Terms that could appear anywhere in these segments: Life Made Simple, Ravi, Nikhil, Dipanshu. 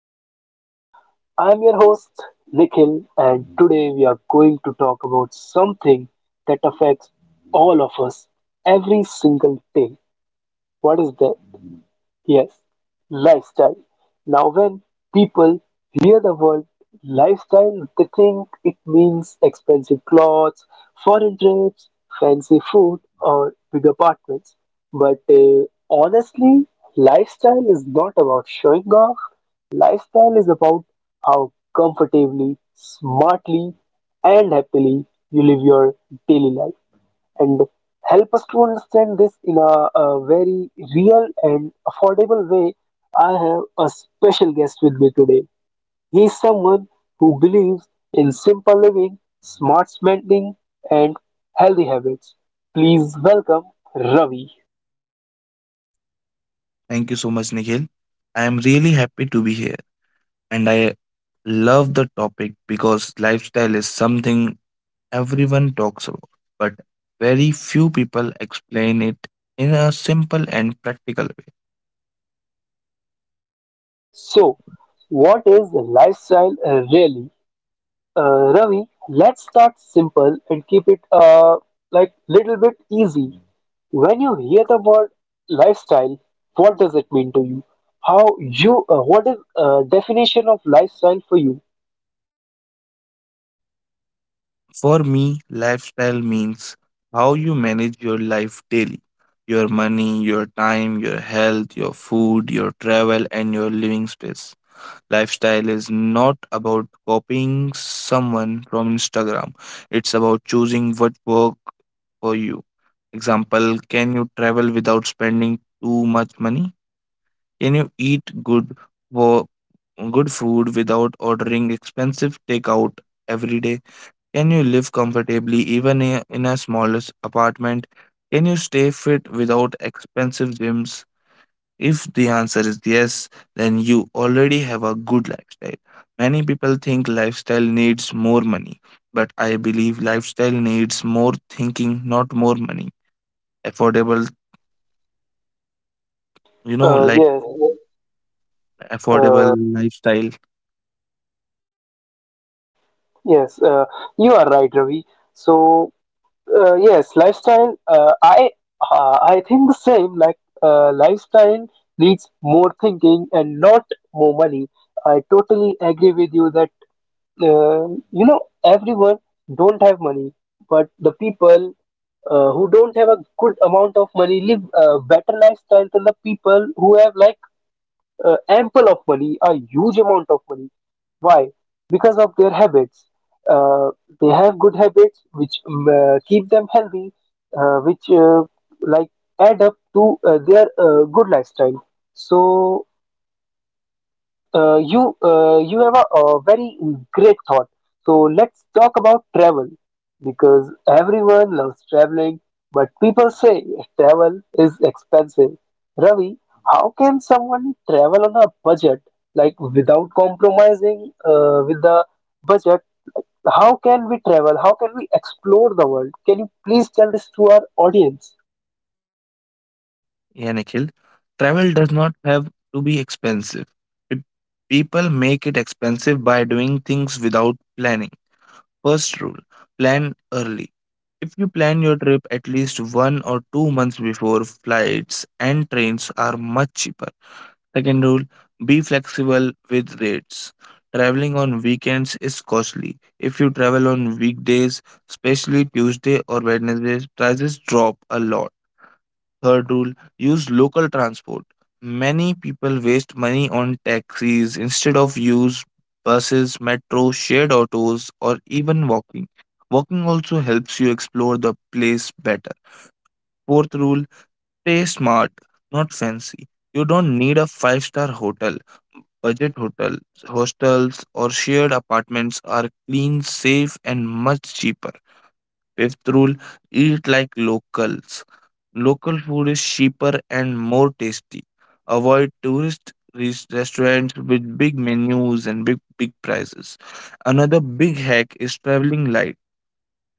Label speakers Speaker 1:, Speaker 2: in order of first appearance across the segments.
Speaker 1: Simple. I'm your host, Nikhil, and today we are going to talk about something that affects all of us every single day. What is that? Yes, lifestyle. Now, when people hear the word lifestyle, they think it means expensive clothes, foreign trips, fancy food, or big apartments. But honestly, lifestyle is not about showing off. Lifestyle is about how comfortably, smartly, and happily you live your daily life, and help us to understand this in a very real and affordable way, I have a special guest with me today. He is someone who believes in simple living, smart spending, and healthy habits. Please welcome Ravi.
Speaker 2: Thank you so much, Nikhil. I am really happy to be here, and I love the topic because lifestyle is something everyone talks about, but very few people explain it in a simple and practical way.
Speaker 1: So, what is lifestyle really? Ravi, let's start simple and keep it like little bit easy. When you hear the word lifestyle, what does it mean to you? How you What is definition of lifestyle for you?
Speaker 2: For me, lifestyle means how you manage your life daily: your money, your time, your health, your food, your travel, and your living space. Lifestyle is not about copying someone from Instagram. It's about choosing what work for you. Example, can you travel without spending too much money? Can you eat good for good food without ordering expensive takeout every day? Can you live comfortably even in a smallest apartment? Can you stay fit without expensive gyms? If the answer is yes, then you already have a good lifestyle. Many people think lifestyle needs more money, but I believe lifestyle needs more thinking, not more money. Affordable,
Speaker 1: Uh,
Speaker 2: like
Speaker 1: yes, uh,
Speaker 2: affordable lifestyle,
Speaker 1: yes, you are right, Ravi. So yes, lifestyle. I think the same. Like lifestyle needs more thinking and not more money. I totally agree with you that everyone don't have money, but the people who don't have a good amount of money live a better lifestyle than the people who have like ample of money, a huge amount of money. Why? Because of their habits. Uh, they have good habits which keep them healthy, which like add up to their good lifestyle. So you have a very great thought. So let's talk about travel because everyone loves traveling, but people say travel is expensive. Ravi, how can someone travel on a budget, like without compromising with the budget? How can we travel? How can we explore the world? Can you please tell this to our audience?
Speaker 2: yeah, Nikhil. Travel does not have to be expensive. Pe- People make it expensive by doing things without planning. First rule: plan early. If you plan your trip at least 1 or 2 months before, flights and trains are much cheaper. Second rule: be flexible with rates. Traveling on weekends is costly. If you travel on weekdays, especially Tuesday or Wednesdays, prices drop a lot. Third rule: use local transport. Many people waste money on taxis instead of use buses, metro, shared autos, or even walking. Walking also helps you explore the place better. Fourth rule: stay smart, not fancy. You don't need a five-star hotel. Budget hotels, hostels, or shared apartments are clean, safe, and much cheaper. Fifth rule: eat like locals. Local food is cheaper and more tasty. Avoid tourist restaurants with big menus and big, big prices. Another big hack is traveling light.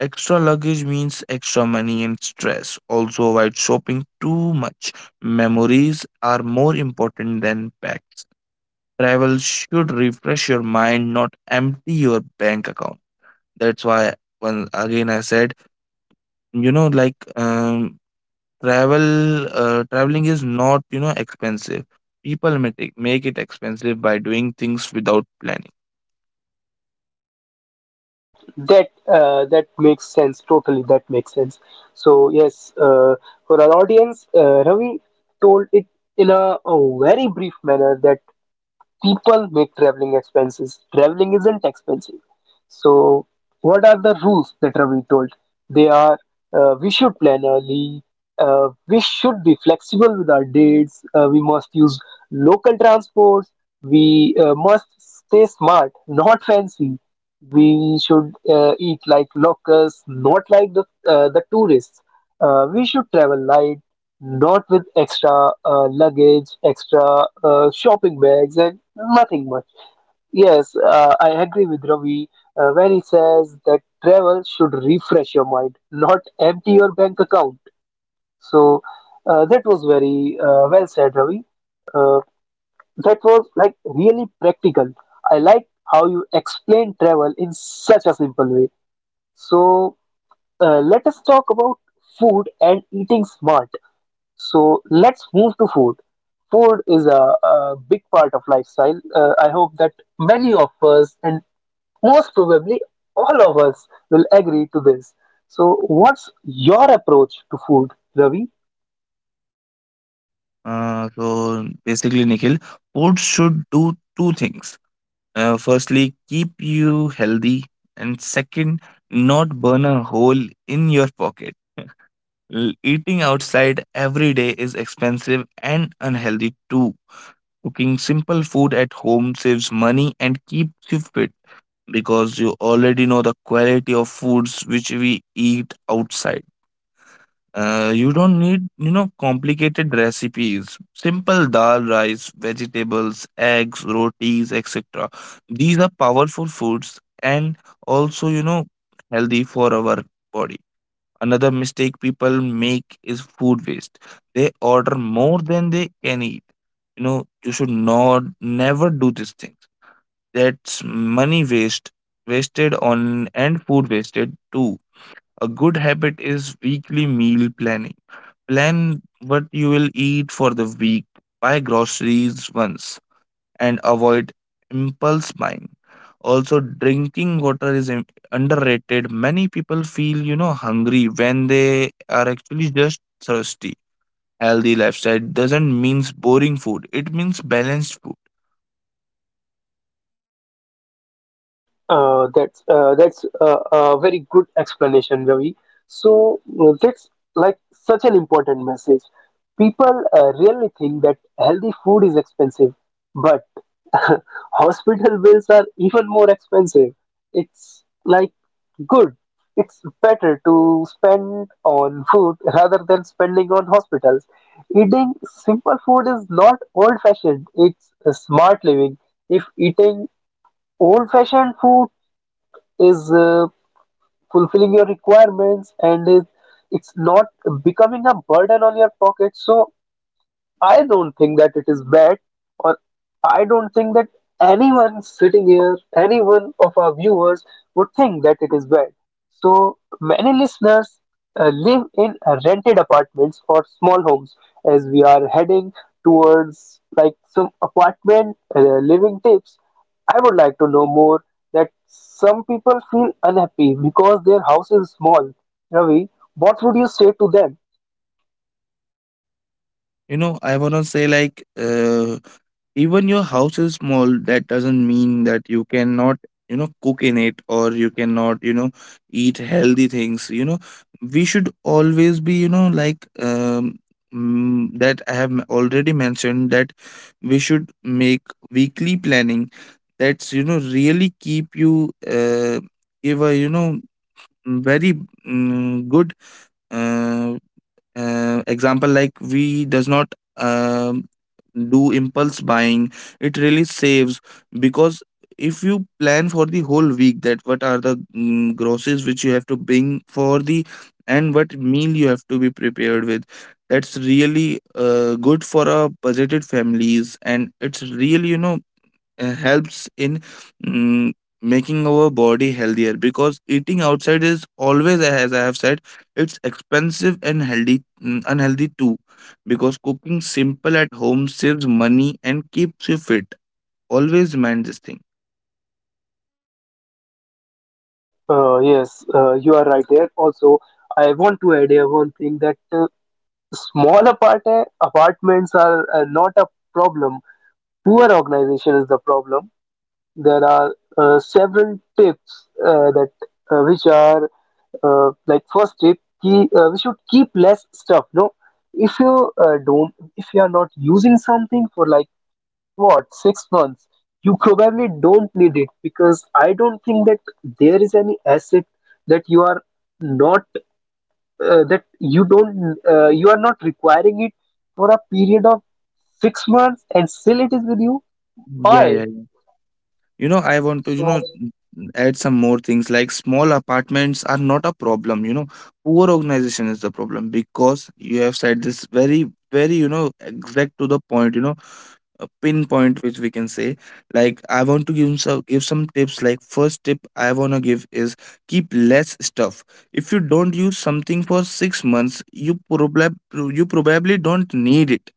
Speaker 2: Extra luggage means extra money and stress. Also, avoid shopping too much. Memories are more important than packs. Travel should refresh your mind, not empty your bank account. That's why, once again, I said you know like um traveling is not expensive. People make it expensive by doing things without planning.
Speaker 1: That makes sense. Totally, that makes sense. So yes, for our audience, Ravi told it in a very brief manner that people make traveling expenses. Traveling isn't expensive. So, what are the rules that are we told? They are we should plan early, we should be flexible with our dates, we must use local transports, we must stay smart, not fancy. We should eat like locals, not like the tourists. We should travel light, not with extra luggage, extra shopping bags, and nothing much. Yes, I agree with Ravi when he says that travel should refresh your mind, not empty your bank account. So that was very well said, Ravi. Uh, that was like really practical. I like how you explain travel in such a simple way. So let us talk about food and eating smart. So let's move to food. Food is a big part of lifestyle. I hope that many of us, and most probably all of us, will agree to this. So, what's your approach to food, Ravi?
Speaker 2: So basically, Nikhil, food should do two things. Firstly, keep you healthy, and second, not burn a hole in your pocket. Eating outside every day is expensive and unhealthy too. Cooking simple food at home saves money and keeps you fit, because you already know the quality of foods which we eat outside. You don't need, complicated recipes. Simple dal, rice, vegetables, eggs, rotis, etc. These are powerful foods and also, healthy for our body. Another mistake people make is food waste. They order more than they can eat. You should not never do these things. That's money wasted on, and food wasted too. A good habit is weekly meal planning. Plan what you will eat for the week, buy groceries once, and avoid impulse buying. Also, drinking water is underrated. Many people feel, hungry when they are actually just thirsty. Healthy lifestyle doesn't means boring food. It means balanced food.
Speaker 1: That's a very good explanation, Ravi. So that's like such an important message. People really think that healthy food is expensive, but hospital bills are even more expensive. It's like good. It's better to spend on food rather than spending on hospitals. Eating simple food is not old-fashioned. It's smart living. If eating old-fashioned food is fulfilling your requirements and it's not becoming a burden on your pocket. So I don't think that it is bad, or I don't think that anyone sitting here, anyone of our viewers would think that it is bad. So many listeners live in rented apartments or small homes, as we are heading towards like some apartment living tips. I would like to know more that some people feel unhappy because their house is small. Ravi, what would you say to them?
Speaker 2: You know I want to say like Even your house is small, that doesn't mean that you cannot cook in it, or you cannot eat healthy things. We should always be that I have already mentioned that we should make weekly planning. That's really keep you give a very good uh, example, like we does not do impulse buying. It really saves, because if you plan for the whole week that what are the groceries which you have to bring for the and what meal you have to be prepared with. That's really good for a budgeted families, and it's really helps in mm, making our body healthier, because eating outside is always, as I have said, it's expensive and unhealthy too, because cooking simple at home saves money and keeps you fit. Always mind this thing.
Speaker 1: Yes, you are right there. Also, I want to add here one thing that small apartments are not a problem. Poor organization is the problem. There are several tips that which are like first tip, key, we should keep less stuff. No, if you are not using something for like what, 6 months, you probably don't need it because I don't think that there is any asset that you are not that you don't you are not requiring it for a period of 6 months and still it is with you.
Speaker 2: Yeah, yeah,
Speaker 1: Why?
Speaker 2: yeah. I want to
Speaker 1: So
Speaker 2: add some more things, like small apartments are not a problem. Poor organization is the problem, because you have said this very very exact to the point, a pinpoint, which we can say. Like, I want to give some tips. Like, first tip I want to give is keep less stuff. If you don't use something for 6 months, you probably don't need it,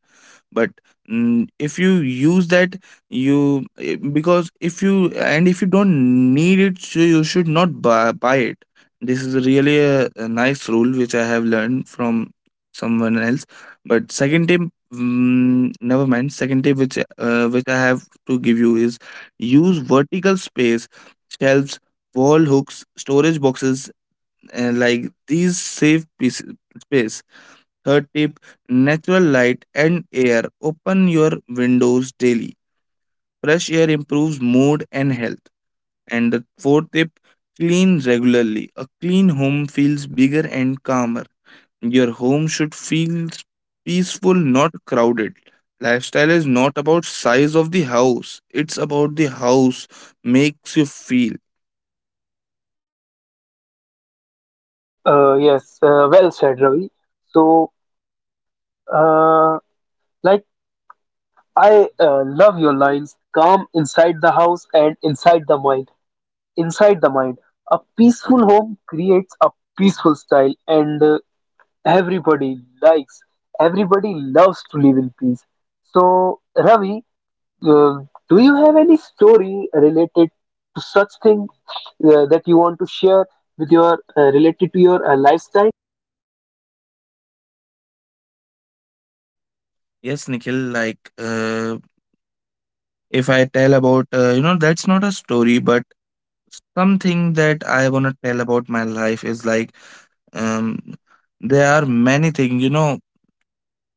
Speaker 2: but if you use that you because if you and if you don't need it, so you should not buy it. This is really a nice rule which I have learned from someone else. But second tip, never mind. Second tip which I have to give you is use vertical space, shelves, wall hooks, storage boxes, and like these save space. Third tip: natural light and air. Open your windows daily. Fresh air improves mood and health. And the fourth tip: clean regularly. A clean home feels bigger and calmer. Your home should feel peaceful, not crowded. Lifestyle is not about size of the house. It's about the house makes you feel.
Speaker 1: yes, well said, Ravi. So uh, like I love your lines, calm inside the house and inside the mind. A peaceful home creates a peaceful style, and everybody likes, everybody loves to live in peace. So, Ravi, uh, do you have any story related to such thing that you want to share with your related to your lifestyle?
Speaker 2: Yes, Nikhil, if I tell about, that's not a story, but something that I want to tell about my life is um there are many things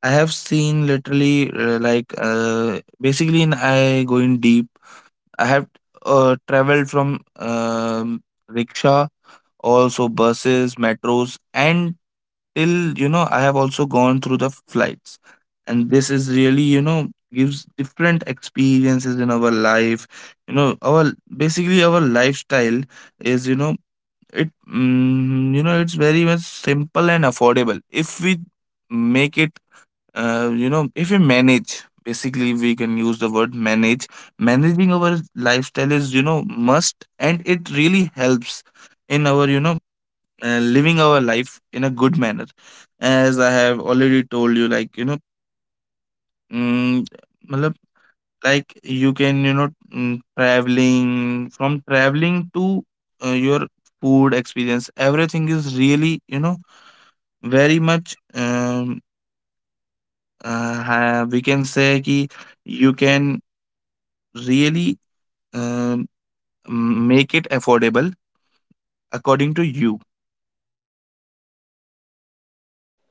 Speaker 2: I have seen. Literally basically in I going deep, I have traveled from um, rickshaw, also buses, metros, and till I have also gone through the flights. And this is really gives different experiences in our life. You know our Basically, our lifestyle is you know it mm, you know it's very much simple and affordable. If we make it, if we manage, basically we can use the word manage. Managing our lifestyle is must, and it really helps in our living our life in a good manner. As I have already told you, Mm, like you can traveling to your food experience, everything is really very much we can say ki you can really um, make it affordable according to you.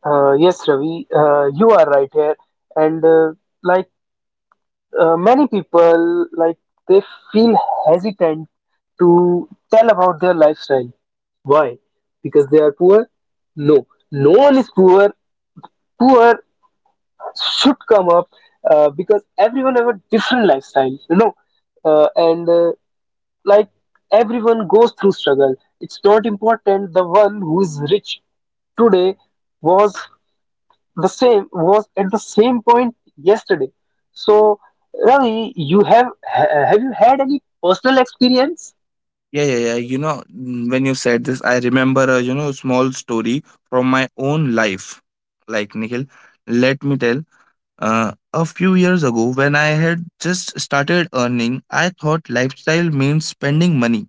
Speaker 1: Yes, Ravi, you are right here. And like many people like they feel hesitant to tell about their lifestyle. Why? Because they are poor. No, no one is poor. Poor should come up, because everyone have a different lifestyle, and like everyone goes through struggle. It's not important. The one who is rich today was was at the same point yesterday. So, Ravi, have you had any personal experience?
Speaker 2: Yeah, yeah, yeah. When you said this, I remember a small story from my own life. Like, Nikhil, let me tell. A few years ago, when I had just started earning, I thought lifestyle means spending money.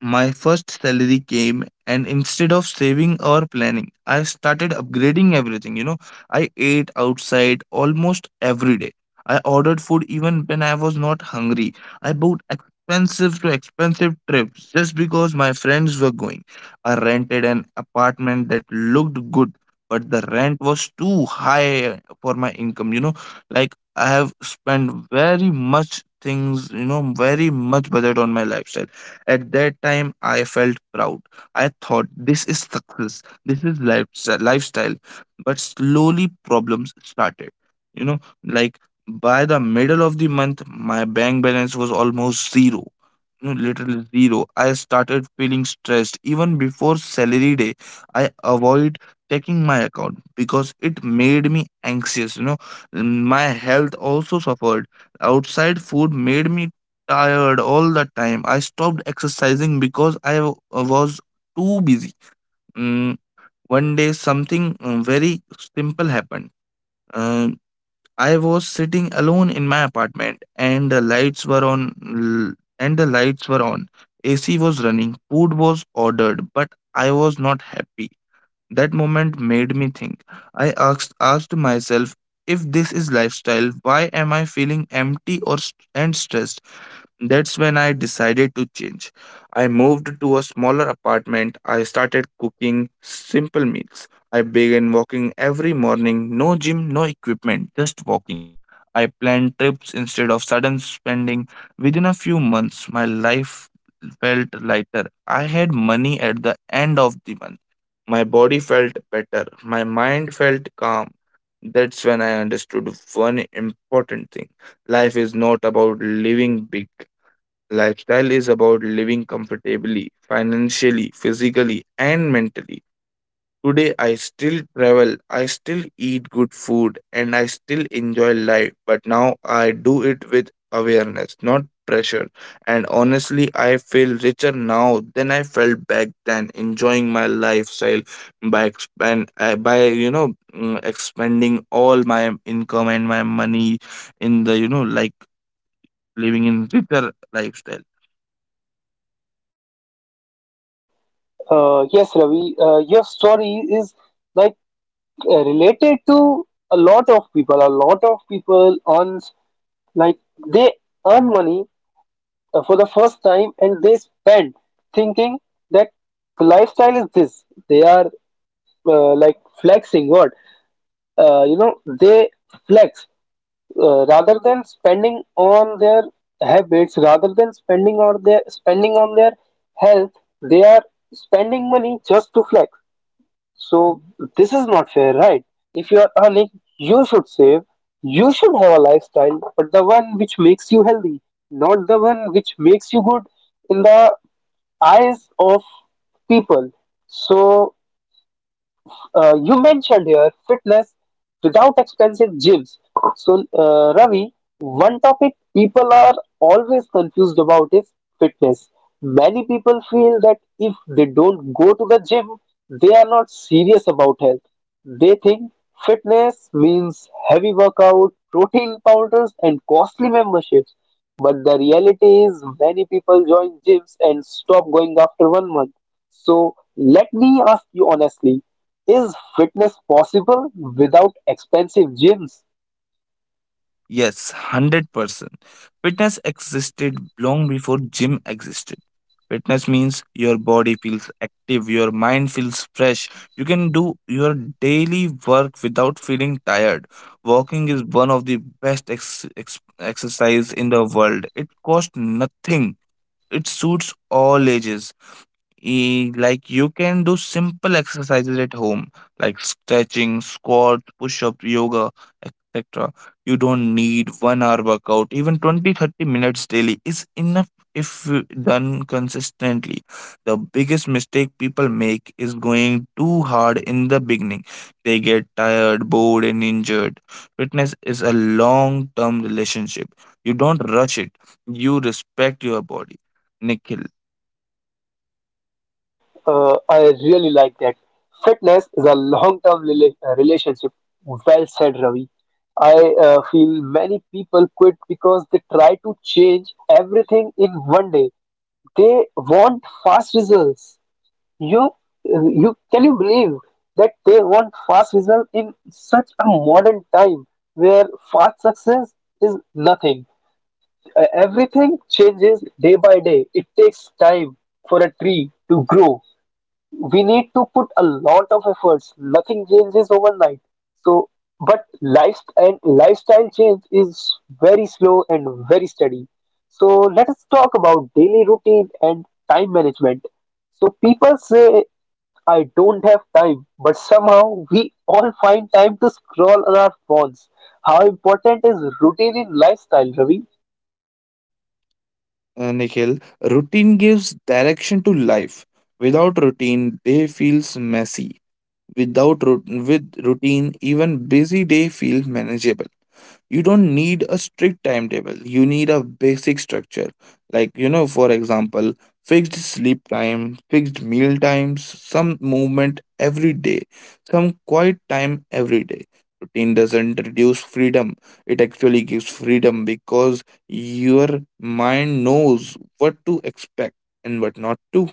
Speaker 2: My first salary came, and instead of saving or planning, I started upgrading everything. I ate outside almost every day. I ordered food even when I was not hungry. I booked expensive trips just because my friends were going. I rented an apartment that looked good, but the rent was too high for my income. Like, I have spent very much things, very much budget on my lifestyle. At that time, I felt proud. I thought this is success, this is lifestyle. But slowly, problems started. You know, like by the middle of the month, my bank balance was almost zero. Literally zero. I started feeling stressed even before salary day. I avoid checking my account because it made me anxious. My health also suffered. Outside food made me tired all the time. I stopped exercising because I was too busy. Mm, one day, something very simple happened. Um, I was sitting alone in my apartment, and the lights were on. l- And the lights were on. AC was running. Food was ordered, but I was not happy. That moment made me think. I asked myself, if this is lifestyle, why am I feeling empty and stressed? That's when I decided to change. I moved to a smaller apartment. I started cooking simple meals. I began walking every morning. No gym, no equipment, just walking. I planned trips instead of sudden spending. Within a few months, my life felt lighter. I had money at the end of the month. My body felt better. My mind felt calm. That's when I understood one important thing: life is not about living big. Lifestyle is about living comfortably, financially, physically, and mentally. Today, I still travel, I still eat good food, and I still enjoy life, but now I do it with awareness, not pressure. And honestly, I feel richer now than I felt back then, enjoying my lifestyle by expanding all my income and my money in the living in richer lifestyle.
Speaker 1: Yes, Ravi, your story is like related to a lot of people. A lot of people, on like they earn money for the first time and they spend thinking that the lifestyle is this. They are like flexing. What they flex. Rather than spending on their habits, rather than spending on their health, they are spending money just to flex. So this is not fair, right? If you are earning, you should save. You should have a lifestyle, but the one which makes you healthy, not the one which makes you good in the eyes of people. So you mentioned here fitness without expensive gyms. So, Ravi, one topic people are always confused about is fitness. Many people feel that if they don't go to the gym, they are not serious about health. They think fitness means heavy workout, protein powders, and costly memberships. But the reality is, many people join gyms and stop going after one month. So, let me ask you honestly, is fitness possible without expensive gyms?
Speaker 2: Yes, 100%. Fitness existed long before gym existed. Fitness means your body feels active, your mind feels fresh. You can do your daily work without feeling tired. Walking is one of the best exercise in the world. It costs nothing. It suits all ages. Like, you can do simple exercises at home, like stretching, squat, push-up, yoga, etc. You don't need 1 hour workout. Even 20-30 minutes daily is enough if done consistently. The biggest mistake people make is going too hard in the beginning. They get tired, bored, and injured. Fitness is a long term relationship. You don't rush it, you respect your body. nikhil
Speaker 1: I really like that. Fitness is a long-term relationship. Well said, Ravi. I feel many people quit because they try to change everything in one day. They want fast results. You, you believe that they want fast results in such a modern time where fast success is nothing. Everything changes day by day. It takes time for a tree to grow. We need to put a lot of efforts. Nothing changes overnight. So, but life and lifestyle change is very slow and very steady. So let us talk about daily routine and time management. So people say I don't have time, but somehow we all find time to scroll on our phones. How important is routine in lifestyle, Ravi?
Speaker 2: uh, Nikhil, routine gives direction to life. Without routine, day feels messy. Without rou- with routine, even busy day feels manageable. You don't need a strict timetable. You need a basic structure. Like, for example, fixed sleep time, fixed meal times, some movement every day, some quiet time every day. Routine doesn't reduce freedom. It actually gives freedom because your mind knows what to expect and what not to.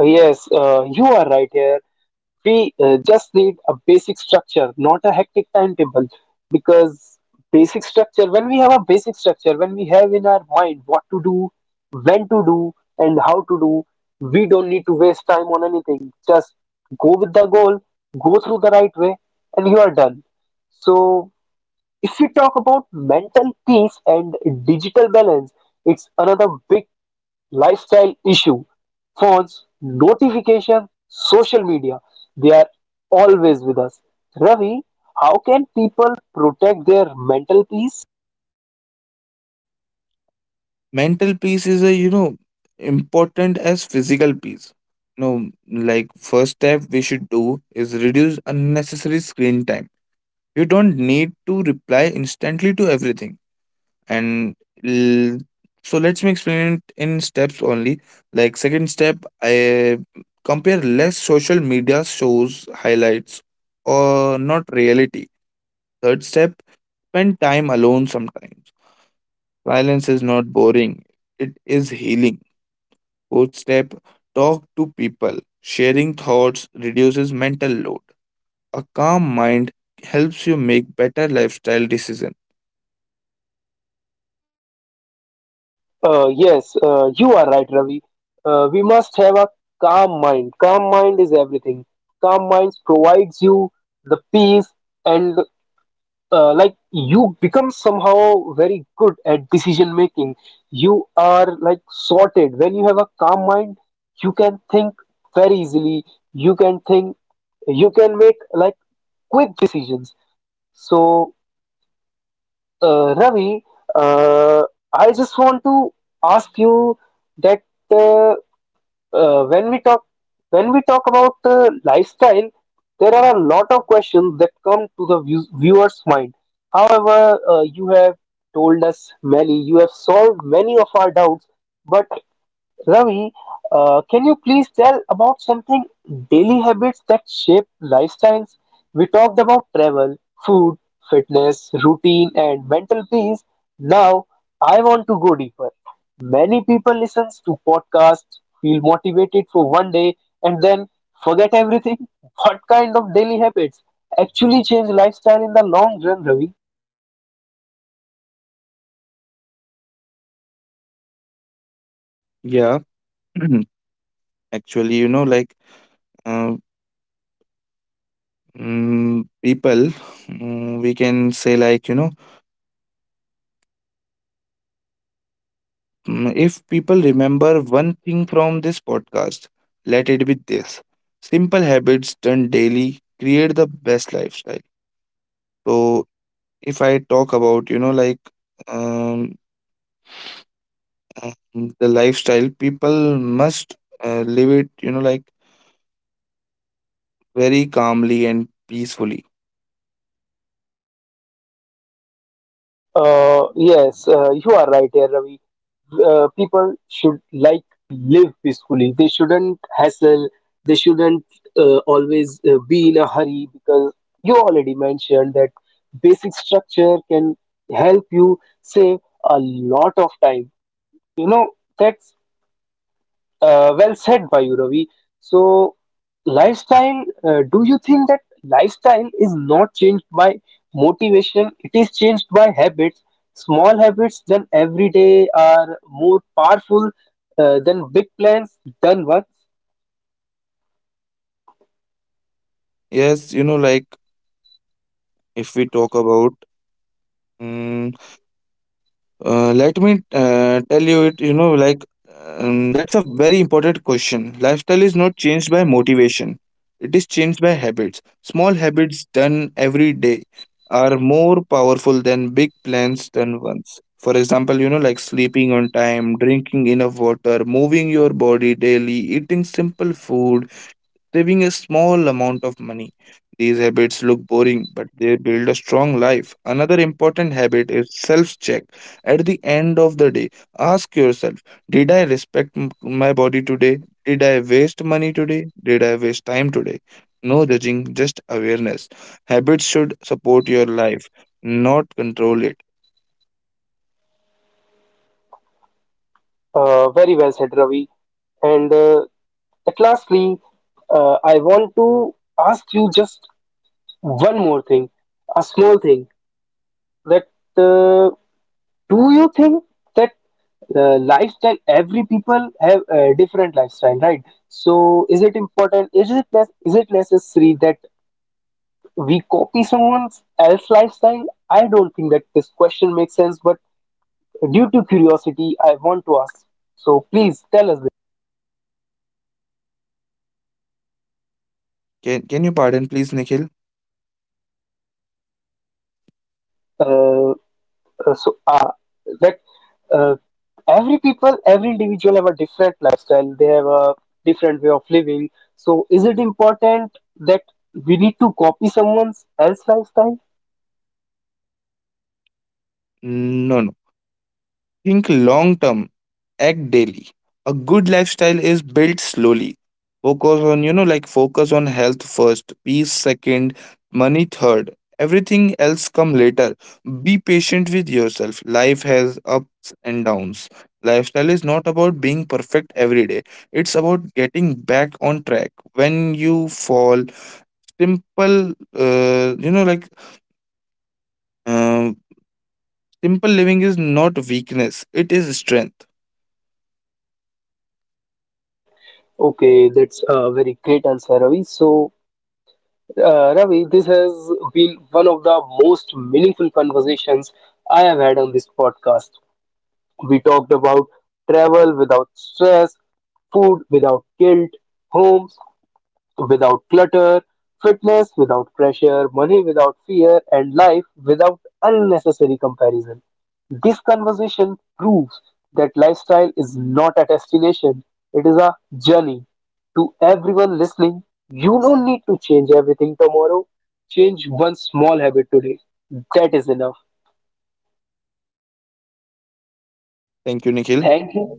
Speaker 1: Yes, you are right here. We just need a basic structure, not a hectic timetable. Because basic structure, when we have a basic structure, when we have in our mind what to do, when to do, and how to do, we don't need to waste time on anything. Just go with the goal, go through the right way, and you are done. So, if we talk about mental peace and digital balance, it's another big lifestyle issue. Phones, notifications, social media, they are always with us. Ravi, how can people protect their mental peace?
Speaker 2: Mental peace is a important as physical peace. Like, first step we should do is reduce unnecessary screen time. You don't need to reply instantly to everything. And l- so let's me explain it in steps only. Like, second step, I compare less. Social media shows highlights or not reality. Third step, spend time alone. Sometimes silence is not boring, it is healing. Fourth step, talk to people. Sharing thoughts reduces mental load. A calm mind helps you make better lifestyle decision.
Speaker 1: Yes, you are right, Ravi. We must have a calm mind. Calm mind is everything. Calm minds provides you the peace, and like you become somehow very good at decision making. You are like sorted. When you have a calm mind, you can think very easily. you can think you can make like quick decisions. So Ravi, uh, I just want to ask you that. Uh, uh, when we talk when we talk about lifestyle, there are a lot of questions that come to the viewer's mind. However, you have solved many of our doubts, but Ravi, can you please tell about something daily habits that shape lifestyles? We talked about travel, food, fitness, routine, and mental peace. Now, I want to go deeper. Many people listen to podcasts, feel motivated for one day, and then forget everything. What kind of daily habits actually change lifestyle in the long run, Ravi?
Speaker 2: Yeah, actually, like uh, people, we can say like, if people remember one thing from this podcast, let it be this: simple habits done daily create the best lifestyle. So, if I talk about, like, um and the lifestyle, people must live it, like, very calmly and peacefully.
Speaker 1: Yes, you are right here, Ravi. People should like live peacefully. They shouldn't hassle. They shouldn't always be in a hurry, because you already mentioned that basic structure can help you save a lot of time, you know. That's well said by you, Ravi. So, lifestyle, do you think that lifestyle is not changed by motivation? It is changed by habits. Small habits done every day are more powerful than big plans done once.
Speaker 2: Yes, like, if we talk about, mm, let me tell you it, like, that's a very important question. Lifestyle is not changed by motivation, it is changed by habits. Small habits done every day are more powerful than big plans done once. For example, like sleeping on time, drinking enough water, moving your body daily, eating simple food, saving a small amount of money. These habits look boring, but they build a strong life. Another important habit is self check. At the end of the day, ask yourself: Did I respect my body today? Did I waste money today? Did I waste time today? No judging, just awareness. Habits should support your life, not control it.
Speaker 1: Very well said, Ravi. And at lastly, I want to ask you just one more thing, a small thing that. Uh, do you think that lifestyle, every people have a different lifestyle, right? So is it important, is it less, is it necessary that we copy someone else lifestyle? I don't think that this question makes sense, but due to curiosity I want to ask. So please tell us.
Speaker 2: Can you pardon, please, Nikhil?
Speaker 1: uh, uh, so uh, that uh, every individual have a different lifestyle, they have a different way of living. So is it important that we need to copy someone's else lifestyle?
Speaker 2: No, no. Think long term, act daily. A good lifestyle is built slowly. Focus on, you know, like focus on health first, peace second, money third. Everything else come later. Be patient with yourself. Life has ups and downs. Lifestyle is not about being perfect every day. It's about getting back on track. When you fall, simple, you know, like um simple living is not weakness. It is strength.
Speaker 1: Okay, that's a very great answer, Ravi. So Ravi, this has been one of the most meaningful conversations I have had on this podcast. We talked about travel without stress, food without guilt, homes without clutter, fitness without pressure, money without fear, and life without unnecessary comparison. This conversation proves that lifestyle is not a destination, it is a journey. To everyone listening, you don't need to change everything tomorrow. Change one small habit today. That is enough.
Speaker 2: Thank you, Nikhil.
Speaker 1: Thank you.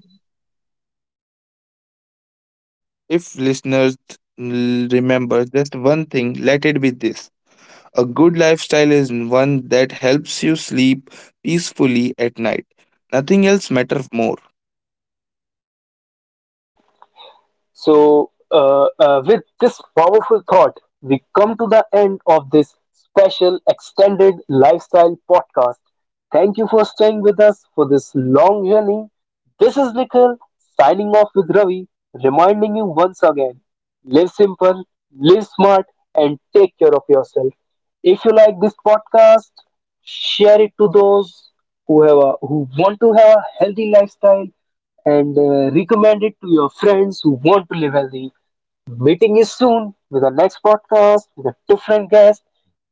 Speaker 2: If listeners remember just one thing, let it be this. A good lifestyle is one that helps you sleep peacefully at night. Nothing else matters more.
Speaker 1: So, with this powerful thought, we come to the end of this special extended lifestyle podcast. Thank you for staying with us for this long journey. This is Nikhil signing off with Ravi, reminding you once again, live simple, live smart, and take care of yourself. If you like this podcast, share it to those who want to have a healthy lifestyle, and recommend it to your friends who want to live healthy. Meeting you soon with our next podcast with a different guest,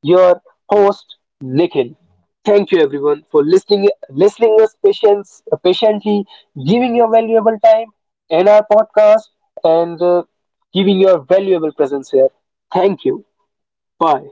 Speaker 1: your host Nikhil. Thank you everyone for listening us patience patiently, giving your valuable time in our podcast and giving your valuable presence here. Thank you. Bye.